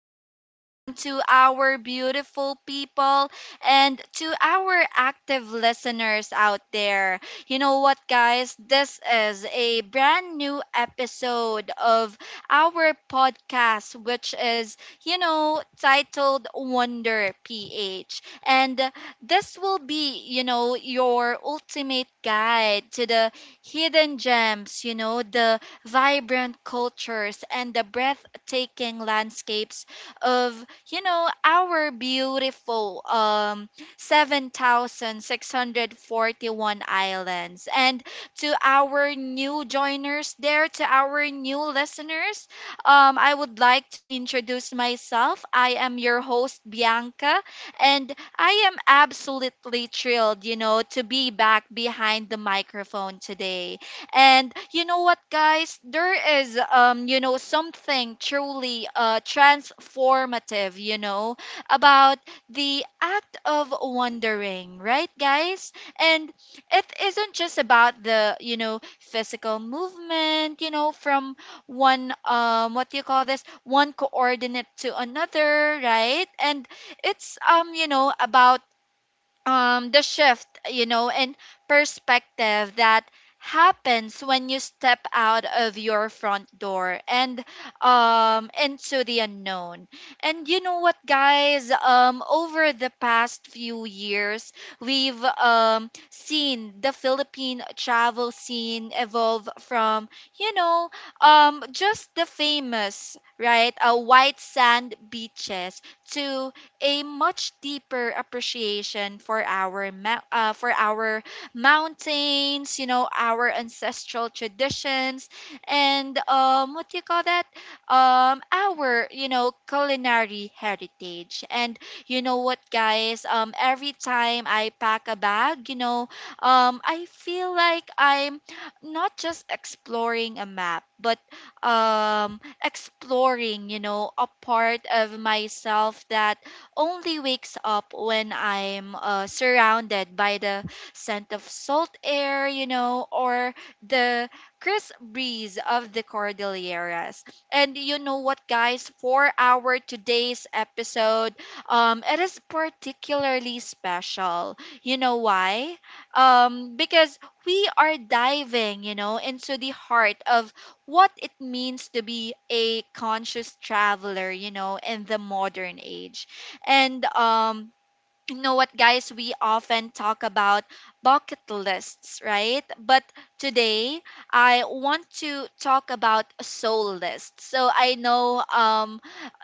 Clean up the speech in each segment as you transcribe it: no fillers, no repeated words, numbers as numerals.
everyone to our beautiful people and to our active listeners out there. You know what, guys? This is a brand new episode of our podcast which is, titled Wonder PH. And this will be, your ultimate guide to the hidden gems, the vibrant cultures, and the breathtaking landscapes of, our beautiful 7,641 islands. And to our new joiners there, to our new listeners, I would like to introduce myself. I am your host, Bianca, and I am absolutely thrilled, to be back behind the microphone today. And you know what, guys? There is, something truly transformative, about the act of wandering, right, guys? And it isn't just about the, physical movement, from one, what do you call this? One coordinate to another, right? And it's, about the shift in perspective that happens when you step out of your front door and into the unknown. And you know what, guys? Over the past few years we've seen the Philippine travel scene evolve from, you know just the famous, right, white sand beaches, to a much deeper appreciation for our for our mountains, our ancestral traditions, and what do you call that? Our culinary heritage. And you know what, guys? Every time I pack a bag, I feel like I'm not just exploring a map, but exploring a part of myself that only wakes up when I'm surrounded by the scent of salt air, or the crisp breeze of the Cordilleras. And you know what, guys? For our today's episode, it is particularly special. You know why? Because we are diving, into the heart of what it means to be a conscious traveler, in the modern age. And you know what, guys? We often talk about bucket lists, right? But today I want to talk about soul lists. So I know,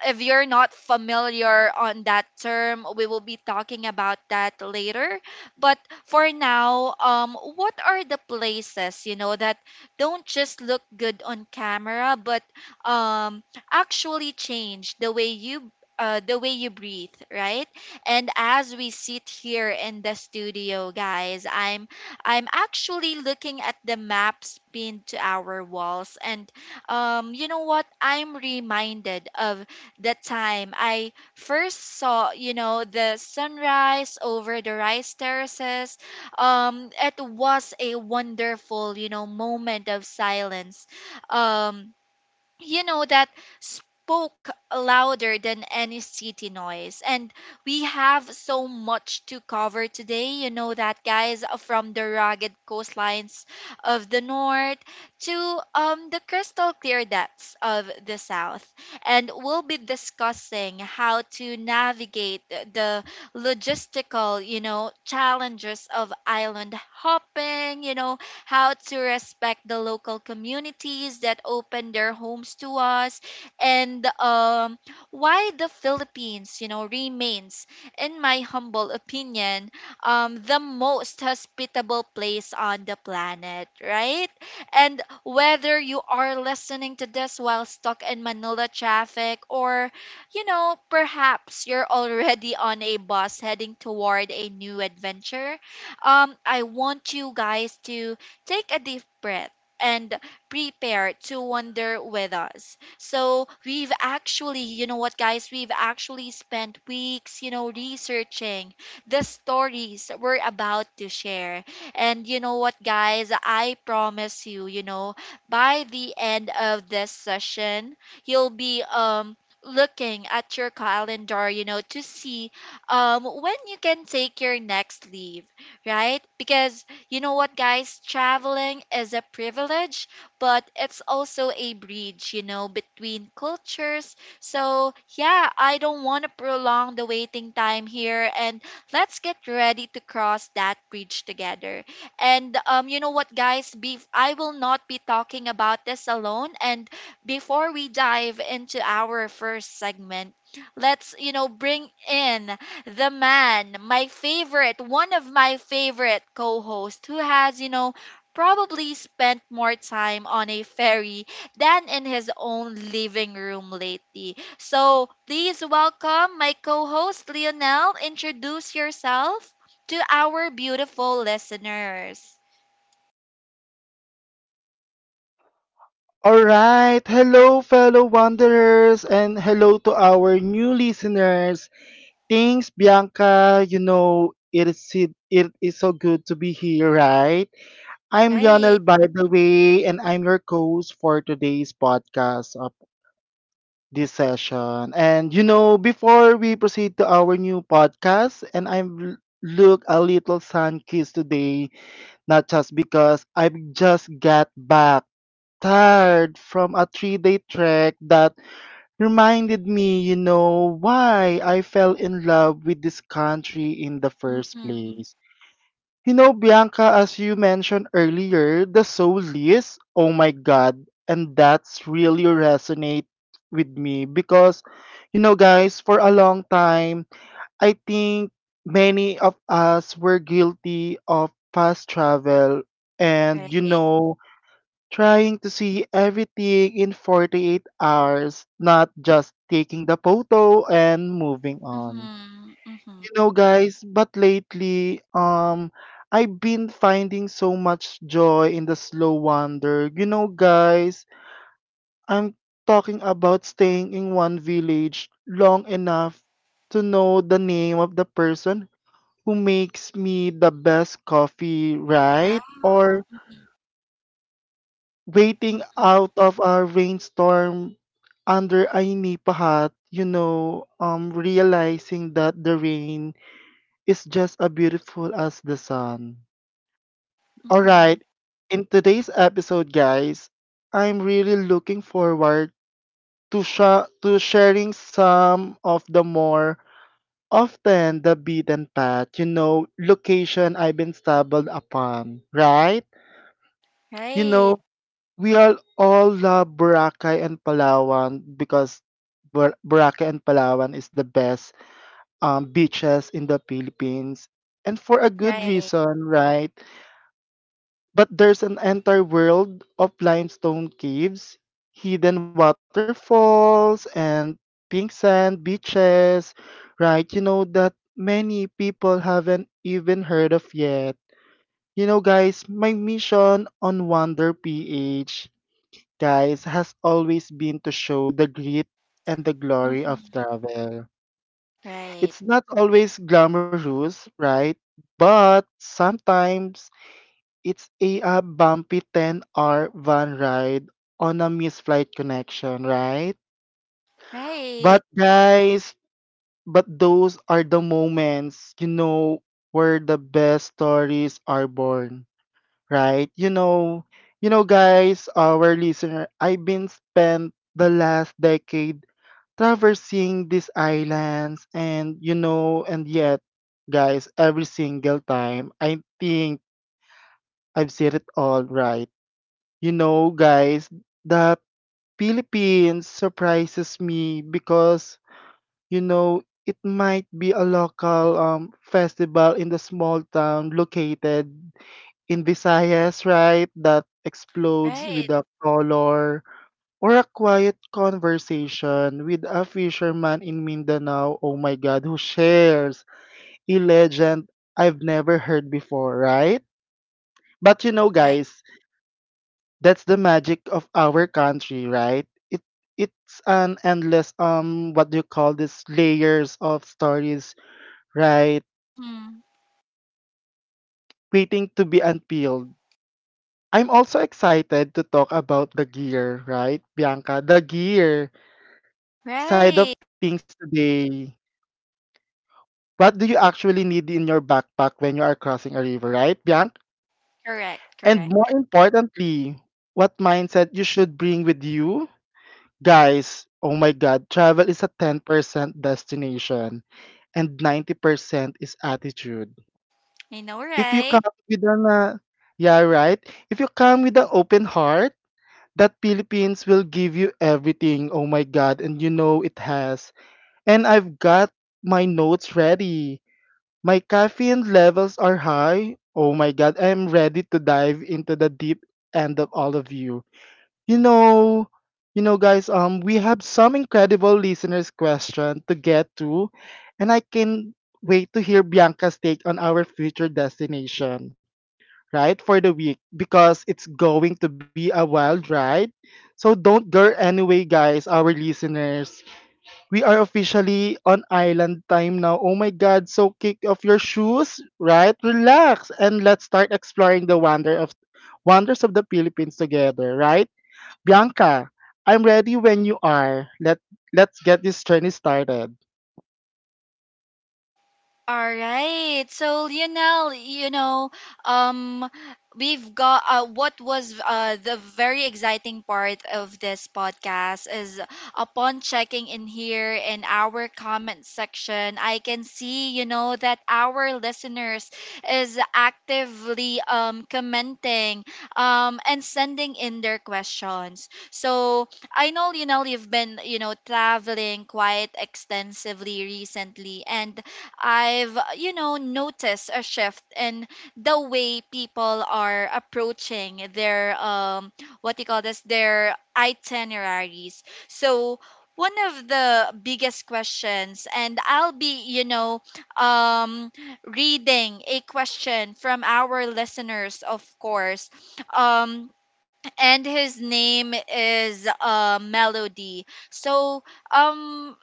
if you're not familiar on that term, we will be talking about that later. But for now, what are the places that don't just look good on camera, but um actually change the way you breathe, right? And as we sit here in the studio, guys, I'm actually looking at the maps pinned to our walls. And you know what? I'm reminded of the time I first saw, the sunrise over the rice terraces. It was a wonderful, moment of silence. Um that spoke louder than any city noise. And we have so much to cover today, that guys, from the rugged coastlines of the north to, the crystal clear depths of the south. And we'll be discussing how to navigate the logistical, challenges of island hopping, how to respect the local communities that open their homes to us, and why the Philippines, remains, in my humble opinion, the most hospitable place on the planet, right? And whether you are listening to this while stuck in Manila traffic, or, perhaps you're already on a bus heading toward a new adventure, I want you guys to take a deep breath and prepare to wander with us. So you know what, guys, we've actually spent weeks, researching the stories we're about to share. And you know what, guys, I promise you, by the end of this session, you'll be looking at your calendar, to see when you can take your next leave, right? Because you know what, guys? Traveling is a privilege, but it's also a bridge, between cultures. So, yeah, I don't want to prolong the waiting time here. And let's get ready to cross that bridge together. And, you know what, guys? I will not be talking about this alone. And before we dive into our first segment, let's, bring in the man, one of my favorite co hosts, who has, probably spent more time on a ferry than in his own living room lately. So please welcome my co host, Lionel. Introduce yourself to our beautiful listeners. All right. Hello, fellow wanderers, and hello to our new listeners. Thanks, Bianca. It is so good to be here, right? I'm Lionel, Right. by the way, and I'm your co host for today's podcast of this session. And, before we proceed to our new podcast, and I'm look a little sun kissed today, not just because I've just got back tired from a 3 day trek that reminded me, why I fell in love with this country in the first Mm-hmm. place. You know, Bianca, as you mentioned earlier, the soul is, oh my God, and that's really resonate with me because, you know, guys, for a long time, I think many of us were guilty of fast travel and, Right. Trying to see everything in 48 hours, not just taking the photo and moving on. Mm-hmm. Mm-hmm. You know, guys, but lately, I've been finding so much joy in the slow wander. You know, guys, I'm talking about staying in one village long enough to know the name of the person who makes me the best coffee, Wow. right? Or Mm-hmm. waiting Mm-hmm. out of a rainstorm under a nipa hat, realizing that the rain is just as beautiful as the sun. All Mm-hmm. right, in today's episode, guys, I'm really looking forward to sharing some of the more often the beaten path, location I've been stumbled upon, right? You Right. know, we all love Boracay and Palawan because Boracay and Palawan is the best beaches in the Philippines, and for a good Right. reason, right? But there's an entire world of limestone caves, hidden waterfalls, and pink sand beaches, right? You know that many people haven't even heard of yet. You know, guys, my mission on Wonder PH guys, has always been to show the grit and the glory of Mm-hmm. travel. Right. It's not always glamorous, right? But sometimes it's a bumpy 10-hour van ride on a missed flight connection, right? Right, But guys, but those are the moments, where the best stories are born, right? You know guys, our listener, I've been spent the last decade traversing these islands, and you know and yet guys, every single time I think I've said it all, right? You know, guys, the Philippines surprises me because, you know it might be a local festival in the small town located in Visayas, right, that explodes with right, the color, or a quiet conversation with a fisherman in Mindanao, oh my God, who shares a legend I've never heard before, right? But you know, right. guys, that's the magic of our country, right? It it's an endless what do you call this layers of stories, right? Mm-hmm. Waiting to be unpeeled. I'm also excited to talk about the gear, right, Bianca? The gear side of Right. things today. What do you actually need in your backpack when you are crossing a river, right, Bianc? Correct, And correct. more importantly, what mindset you should bring with you? Guys, oh my God, travel is a 10% destination and 90% is attitude. I know, If you right? come with an, yeah, right? If you come with an open heart, that Philippines will give you everything. Oh my God, and you know it has. And I've got my notes ready. My caffeine levels are high. Oh my god, I'm ready to dive into the deep end of all of you. You know, you know guys, we have some incredible listeners question to get to, and I can wait to hear Bianca's take on our future destination, right? For the week because it's going to be a wild ride. So don't go anyway guys, our listeners. We are officially on island time now. Oh my God. So kick off your shoes, right? Relax and let's start exploring the wonders of the Philippines together, right? Bianca, I'm ready when you are. Let's get this journey started. All right. So Lionel, um, we've got what was the very exciting part of this podcast is, upon checking in here in our comment section, I can see, that our listeners is actively commenting, and sending in their questions. So I know, Lionel, you've been, traveling quite extensively recently, and I've, noticed a shift in the way people are approaching their, what do you call this, their itineraries. So one of the biggest questions, and I'll be, um reading a question from our listeners, of course. Um and his name is Melody. So um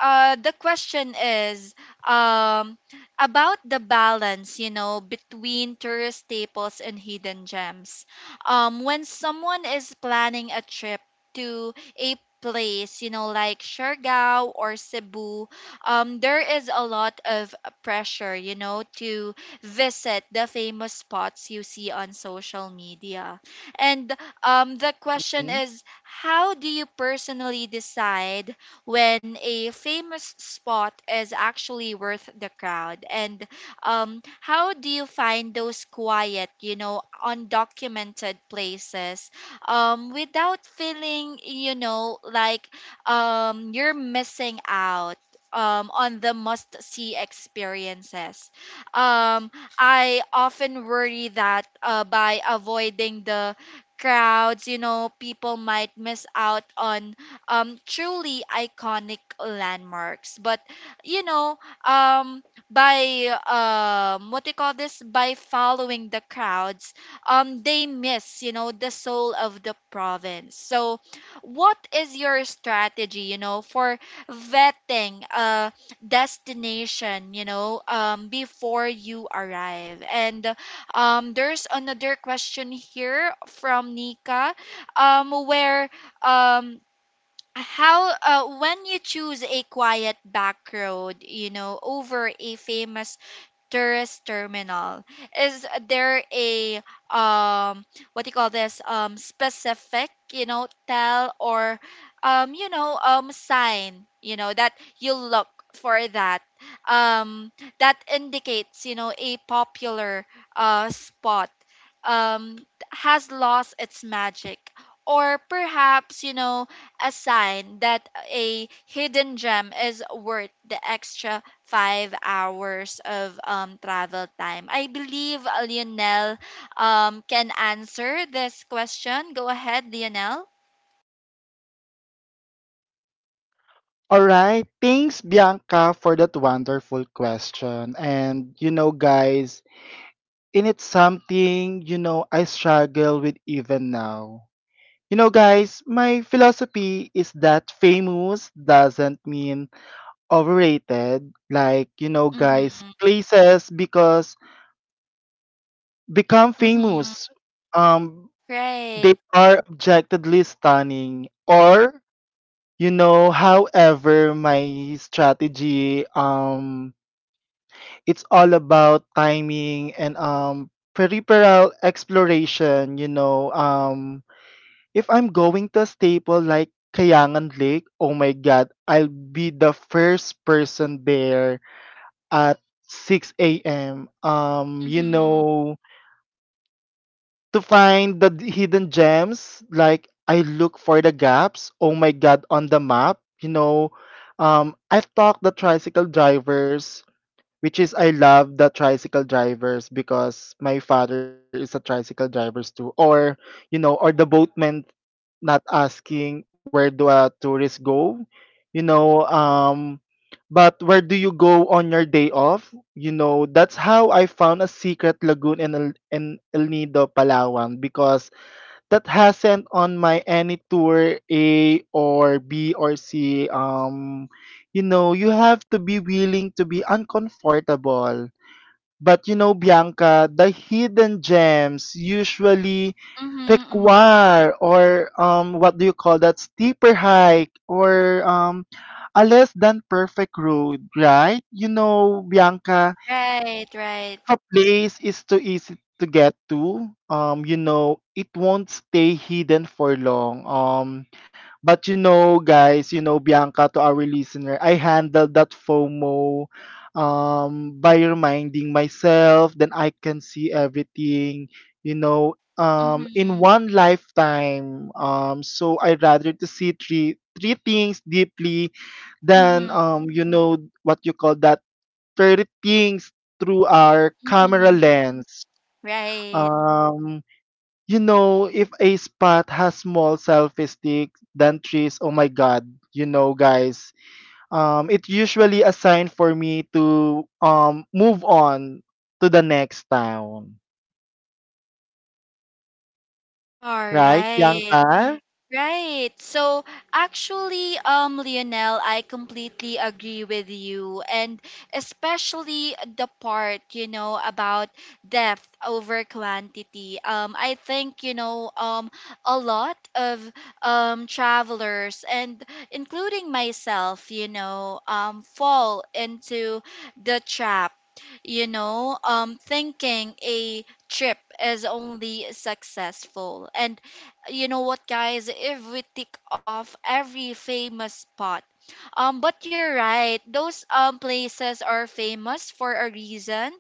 the question is um about the balance, between tourist staples and hidden gems, when someone is planning a trip to a place, like Siargao or Cebu. There is a lot of pressure, to visit the famous spots you see on social media. And the question Mm. is, how do you personally decide when a famous spot is actually worth the crowd? And how do you find those quiet, undocumented places, without feeling, like you're missing out, on the must see experiences. Um, I often worry that, by avoiding the crowds, people might miss out on, truly iconic landmarks. But you know, um, by, what do you call this? By following the crowds, they miss the soul of the province. So, what is your strategy? For vetting a destination, before you arrive. And there's another question here from Nika, where, um how, when you choose a quiet back road, over a famous tourist terminal, is there a, um what do you call this, specific, tell, or, sign, that you look for, that um that indicates, a popular spot um has lost its magic, or perhaps, a sign that a hidden gem is worth the extra 5 hours of travel time? I believe Lionel can answer this question. Go ahead, Lionel. All right. Thanks Bianca for that wonderful question. And you know guys, and it's something, I struggle with even now. You know, guys, my philosophy is that famous doesn't mean overrated. Like, you know, guys, Mm-hmm. places because become Mm-hmm. famous. Um, they Right. are objectively stunning. Or, you know, however, my strategy, it's all about timing and peripheral exploration, if I'm going to a staple like Kayangan Lake, oh my god, I'll be the first person there at 6 a.m. Mm-hmm. To find hidden gems, like I look for the gaps, oh my god, on the map, you know. I've talked the tricycle drivers, which is I love the tricycle drivers because my father is a tricycle drivers too. Or you know, or the boatmen not asking where do tourists go, you know, um, but where do you go on your day off? You know, that's how I found a secret lagoon in El Nido, Palawan, because that hasn't on my any tour A or B or C. You know, you have to be willing to be uncomfortable. But you know, Bianca, the hidden gems usually Mm-hmm. Mm-hmm. require or what do you call that steeper hike or a less than perfect road, right? You know, Bianca, Right, right. if a place is too easy to get to, you know it won't stay hidden for long. But you know, guys, you know, Bianca, to our listener, I handled that FOMO by reminding myself then I can see everything, in Mm-hmm. one lifetime. So I rather to see three things deeply than Mm-hmm. What you call that 30 things through our camera Mm-hmm. lens. Right. Um, you know, if a spot has small selfie sticks than trees, oh my god, you know, guys, it's usually a sign for me to move on to the next town, All right, right. Bianca? Right. So actually, Lionel, I completely agree with you, and especially the part about depth over quantity. I think, a lot of travelers, and including myself, fall into the trap. Thinking a trip is only successful, and you know what, guys? If we tick off every famous spot, but you're right, those places are famous for a reason.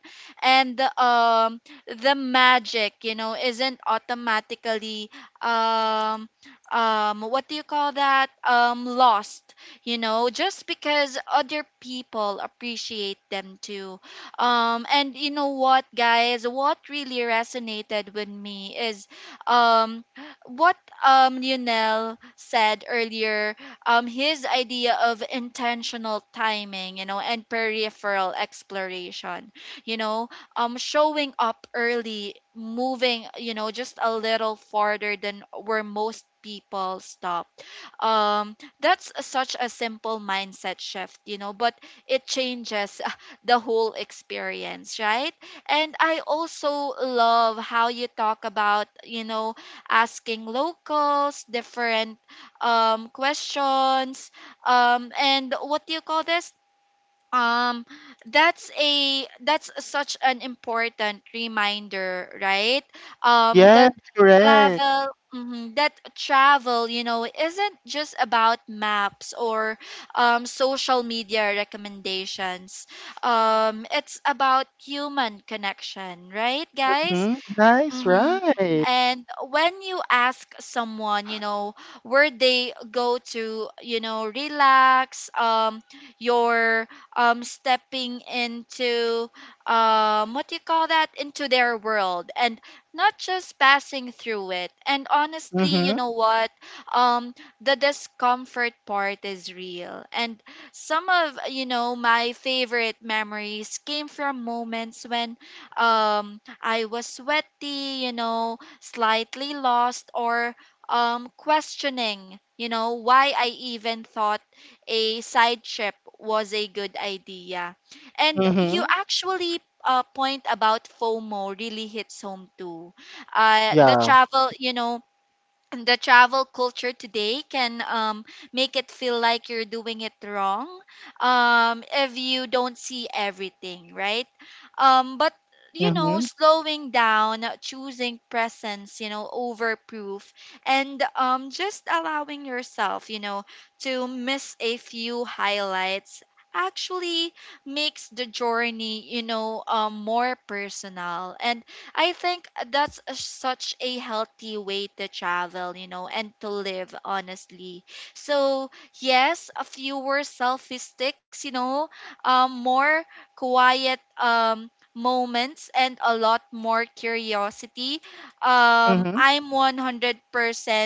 And the the magic, isn't automatically, um what do you call that, lost, just because other people appreciate them too. And you know what, guys? What really resonated with me is, um what, Lionel said earlier, his idea of intentional timing, and peripheral exploration, you know, showing up early, moving, just a little farther than where most people stop. That's such a simple mindset shift, but it changes the whole experience, right? And I also love how you talk about, asking locals different, questions, and what do you call this, um that's such an important reminder, right? um Yes, that correct. travel mhm, that travel isn't just about maps, or, social media recommendations. It's about human connection, right, guys? Hmm. Nice, Mm-hmm. right? And when you ask someone, where they go to, relax, you're stepping into, what do you call that? Into their world, and not just passing through it. And honestly, you Mm-hmm. know what? Um, the discomfort part is real. And some of, my favorite memories came from moments when, um, I was sweaty, slightly lost, or questioning, why I even thought a side trip was a good idea. And Mm-hmm. you actually, point about FOMO really hits home too. The Yeah. travel, the travel culture today can make it feel like you're doing it wrong, if you don't see everything, right? But you Mm-hmm. know, slowing down, choosing presence, you know, over proof, and just allowing yourself, you know, to miss a few highlights actually makes the journey, you know, more personal. And I think that's such a healthy way to travel, you know, and to live honestly. So, yes, a fewer selfie sticks, you know, more quiet moments and a lot more curiosity. Mm-hmm. I'm 100%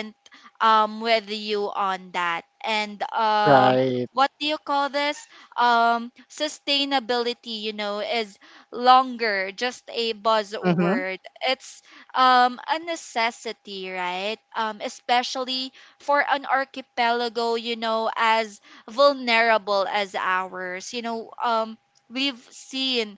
with you on that. And um, Right. what do you call this? Um, sustainability, you know, is longer just a Mm-hmm. buzzword. It's a necessity, right? Especially for an archipelago, you know, as vulnerable as ours. You know, we've seen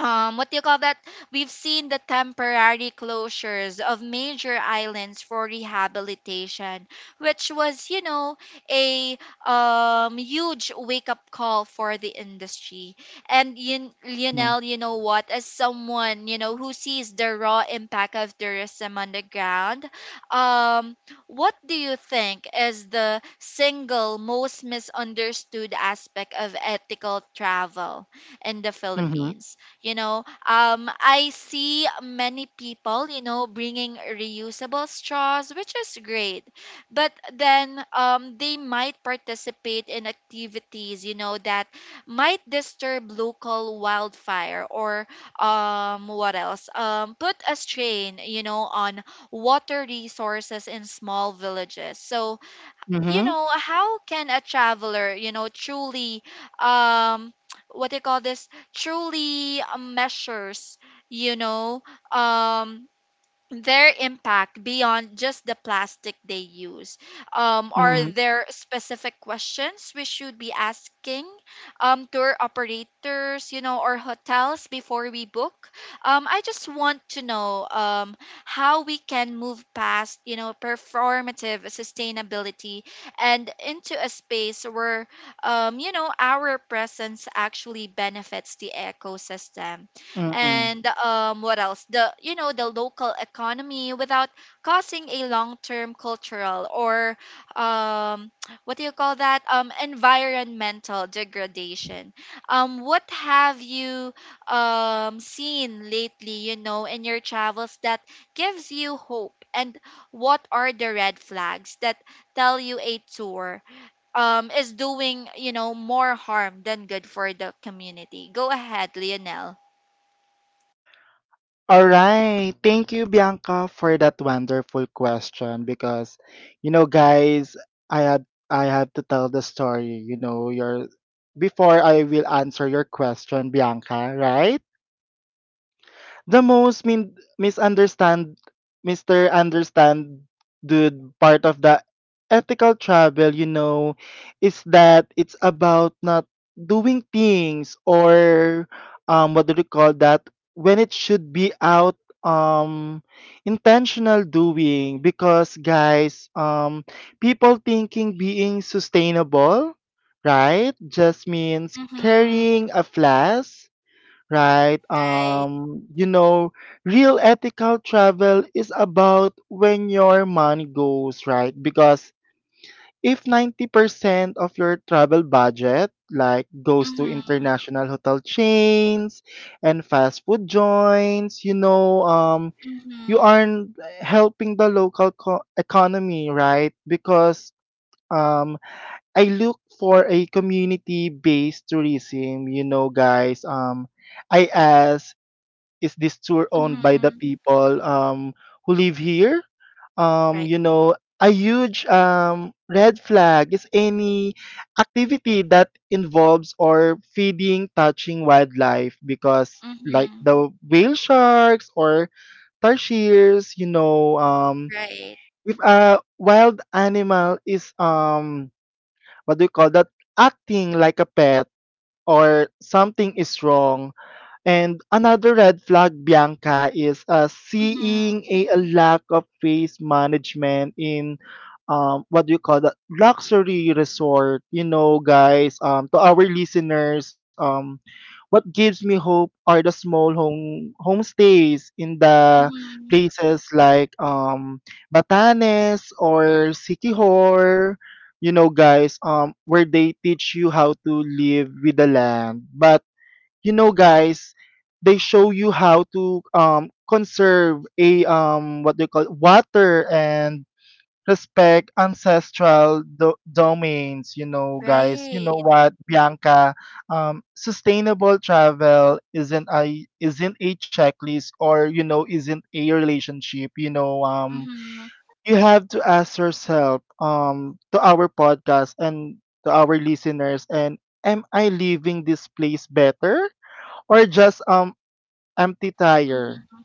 what do you call that? We've seen the temporary closures of major islands for rehabilitation, which was, you know, a huge wake up call for the industry. And Mm-hmm. Lionel, you know what? As someone, you know, who sees the raw impact of tourism on the ground, um, what do you think is the single most misunderstood aspect of ethical travel in the Mm-hmm. Philippines? You know, um, I see many people, you know, bringing reusable straws, which is great, but then um, they might participate in activities, you know, that might disturb local wildfire or um, what else, um, put a strain, you know, on water resources in small villages. So you Mm-hmm. know, how can a traveler, you know, truly um, what do you call this, truly, measures, you know, um, their impact beyond just the plastic they use? Mm-hmm. Are there specific questions we should be asking tour operators, you know, or hotels before we book? I just want to know, how we can move past, you know, performative sustainability and into a space where, you know, our presence actually benefits the ecosystem Mm-hmm. and what else, the, you know, the local economy without causing a long-term cultural or um, what do you call that, environmental degradation. Um, what have you seen lately, you know, in your travels that gives you hope? And what are the red flags that tell you a tour is doing, you know, more harm than good for the community? Go ahead, Lionel. All right. Thank you, Bianca, for that wonderful question because you know, guys, I had I have to tell the story, you know, your before I will answer your question, Bianca, right? The misunderstand Mr. Understand dude part of the ethical travel, you know, is that it's about not doing things or what do you call that when it should be out um intentional doing because guys people thinking being sustainable, right, just means Mhm. carrying a flask, right? Right. You know, real ethical travel is about when your money goes, right? Because if 90% of your travel budget like goes to Mhm. international hotel chains and fast food joints, you Mhm. aren't helping the economy, right? Because um, I look for a community-based tourism, you know, guys. I ask, is this tour owned by the Mhm. people who live here? Right. You know, a huge red flag is any activity that involves or feeding, touching wildlife because like Mhm. the whale sharks or tarsiers, Right. if a wild animal is what do you call that, acting like a pet or something is wrong, and another red flag, Bianca, is Mhm. seeing a lack of face management in what do you call that luxury resort. You know, guys, to our listeners, what gives me hope are the small homestays in the Mhm. places like Batanes or Sikihor. You know, guys, where they teach you how to live with the land, but you know guys they show you how to conserve a what they call water and respect domains, you know guys. You know Right. what, Bianca, sustainable travel isn't a checklist or you know isn't a relationship, you know, Mhm. you have to ask yourself, um, to our podcast and to our listeners, and am I leaving this place better or just empty tire, Mhm.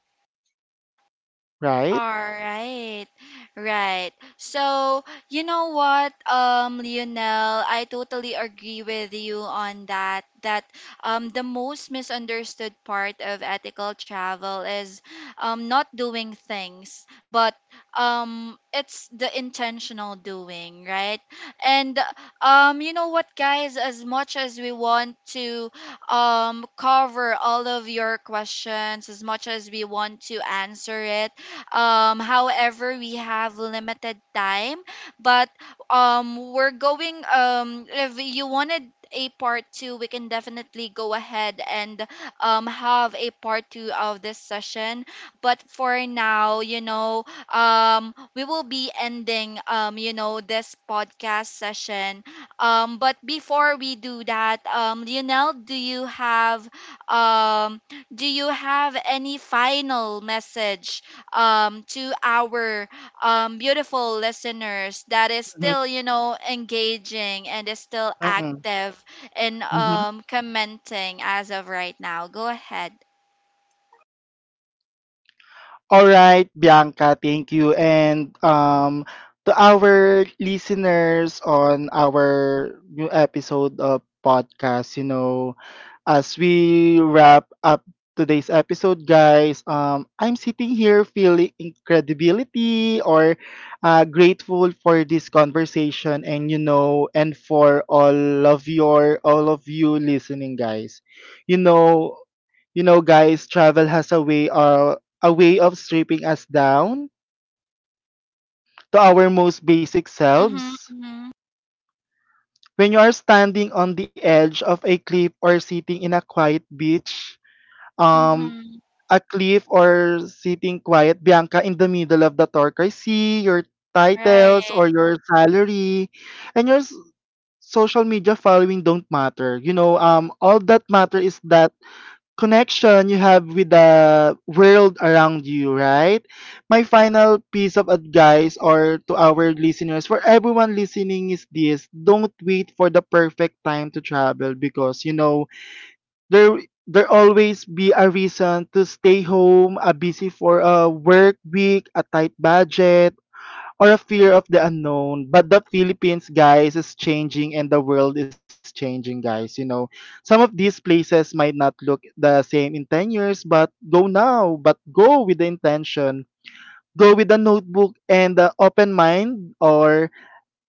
right? All right. Right. So, you know what, Lionel, I totally agree with you on that. That the most misunderstood part of ethical travel is not doing things, but it's the intentional doing, right? And you know what, guys, as much as we want to cover all of your questions, as much as we want to answer it, however, we have limited time, but we're going. If you wanted a part two, we can definitely go ahead and have a part two of this session. But for now, you know, we will be ending, you know, this podcast session. But before we do that, Lionel, um, do you have any final message um, to our um, beautiful listeners that is still, you know, engaging and is still Mm-hmm. active in um, commenting as of right now? Go ahead. All right, Bianca, thank you. And to our listeners on our new episode of podcast, you know, as we wrap up today's episode, guys, I'm sitting here feeling incredibility or grateful for this conversation, and you know, and for all of you listening, guys. You know, you know, guys, travel has a way of stripping us down to our most basic Mhm. selves. Mhm. When you are standing on the edge of a cliff or sitting in a quiet beach, um, Mhm. a cliff or sitting quiet, Bianca, in the middle of the torque, see your Right. titles or your salary and social media following don't matter. You know, all that matter is that connection you have with the world around you, right? My final piece of advice or to our listeners, for everyone listening is this, don't wait for the perfect time to travel because you know there there always be a reason to stay home, a busy for a work week, a tight budget, or a fear of the unknown. But the Philippines, guys, is changing and the world is changing, guys. You know, some of these places might not look the same in 10 years, but go now, but go with the intention. Go with a notebook and the open mind, or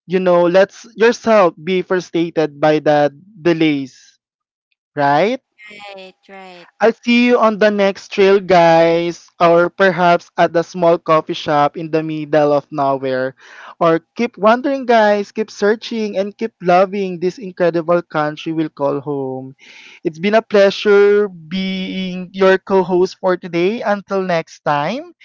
you know, let's yourself be frustrated by the delays, right? Right. Right. I'll see you on the next trail, guys, or perhaps at the small coffee shop in the middle of nowhere. Or keep wandering, guys, keep searching, and keep loving this incredible country we'll call home. It's been a pleasure being your co host for today. Until next time,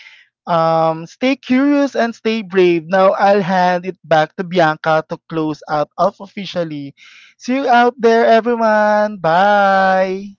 stay curious and stay brave. Now I'll hand it back to Bianca to close out off officially. See you out there, everyone. Bye.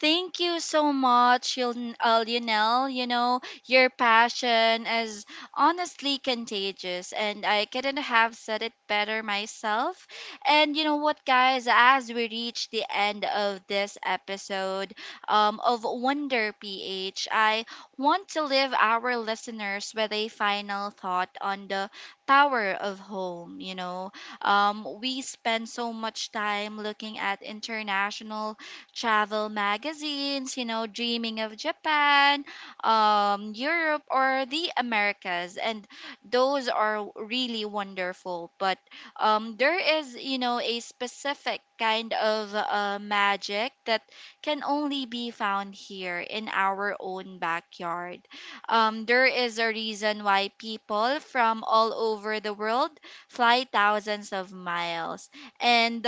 Thank you so much, Lionel. You know, your passion is honestly contagious, and I couldn't have said it better myself. And you know what, guys, as we reach the end of this episode of Wonder PH, I want to leave our listeners with a final thought on the power of home. You know, we spend so much time looking at international travel magazines, you know, dreaming of Japan, Europe, or the Americas. And those are really wonderful. But there is, you know, a specific kind of magic that can only be found here in our own backyard. There is a reason why people from all over the world fly thousands of miles. And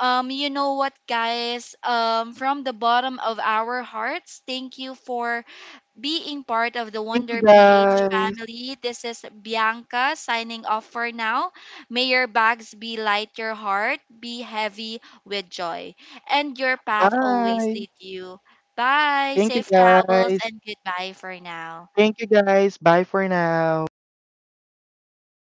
you know what, guys? From the bottom of our hearts, thank you for being part of the Thank you Wonder PH guys. family. This is Bianca signing off for now. May your bags be light, your heart be heavy with joy, and your path always Bye. lead you. Bye, Thank you safe travels, guys. and goodbye for now. Thank you guys. Bye for now.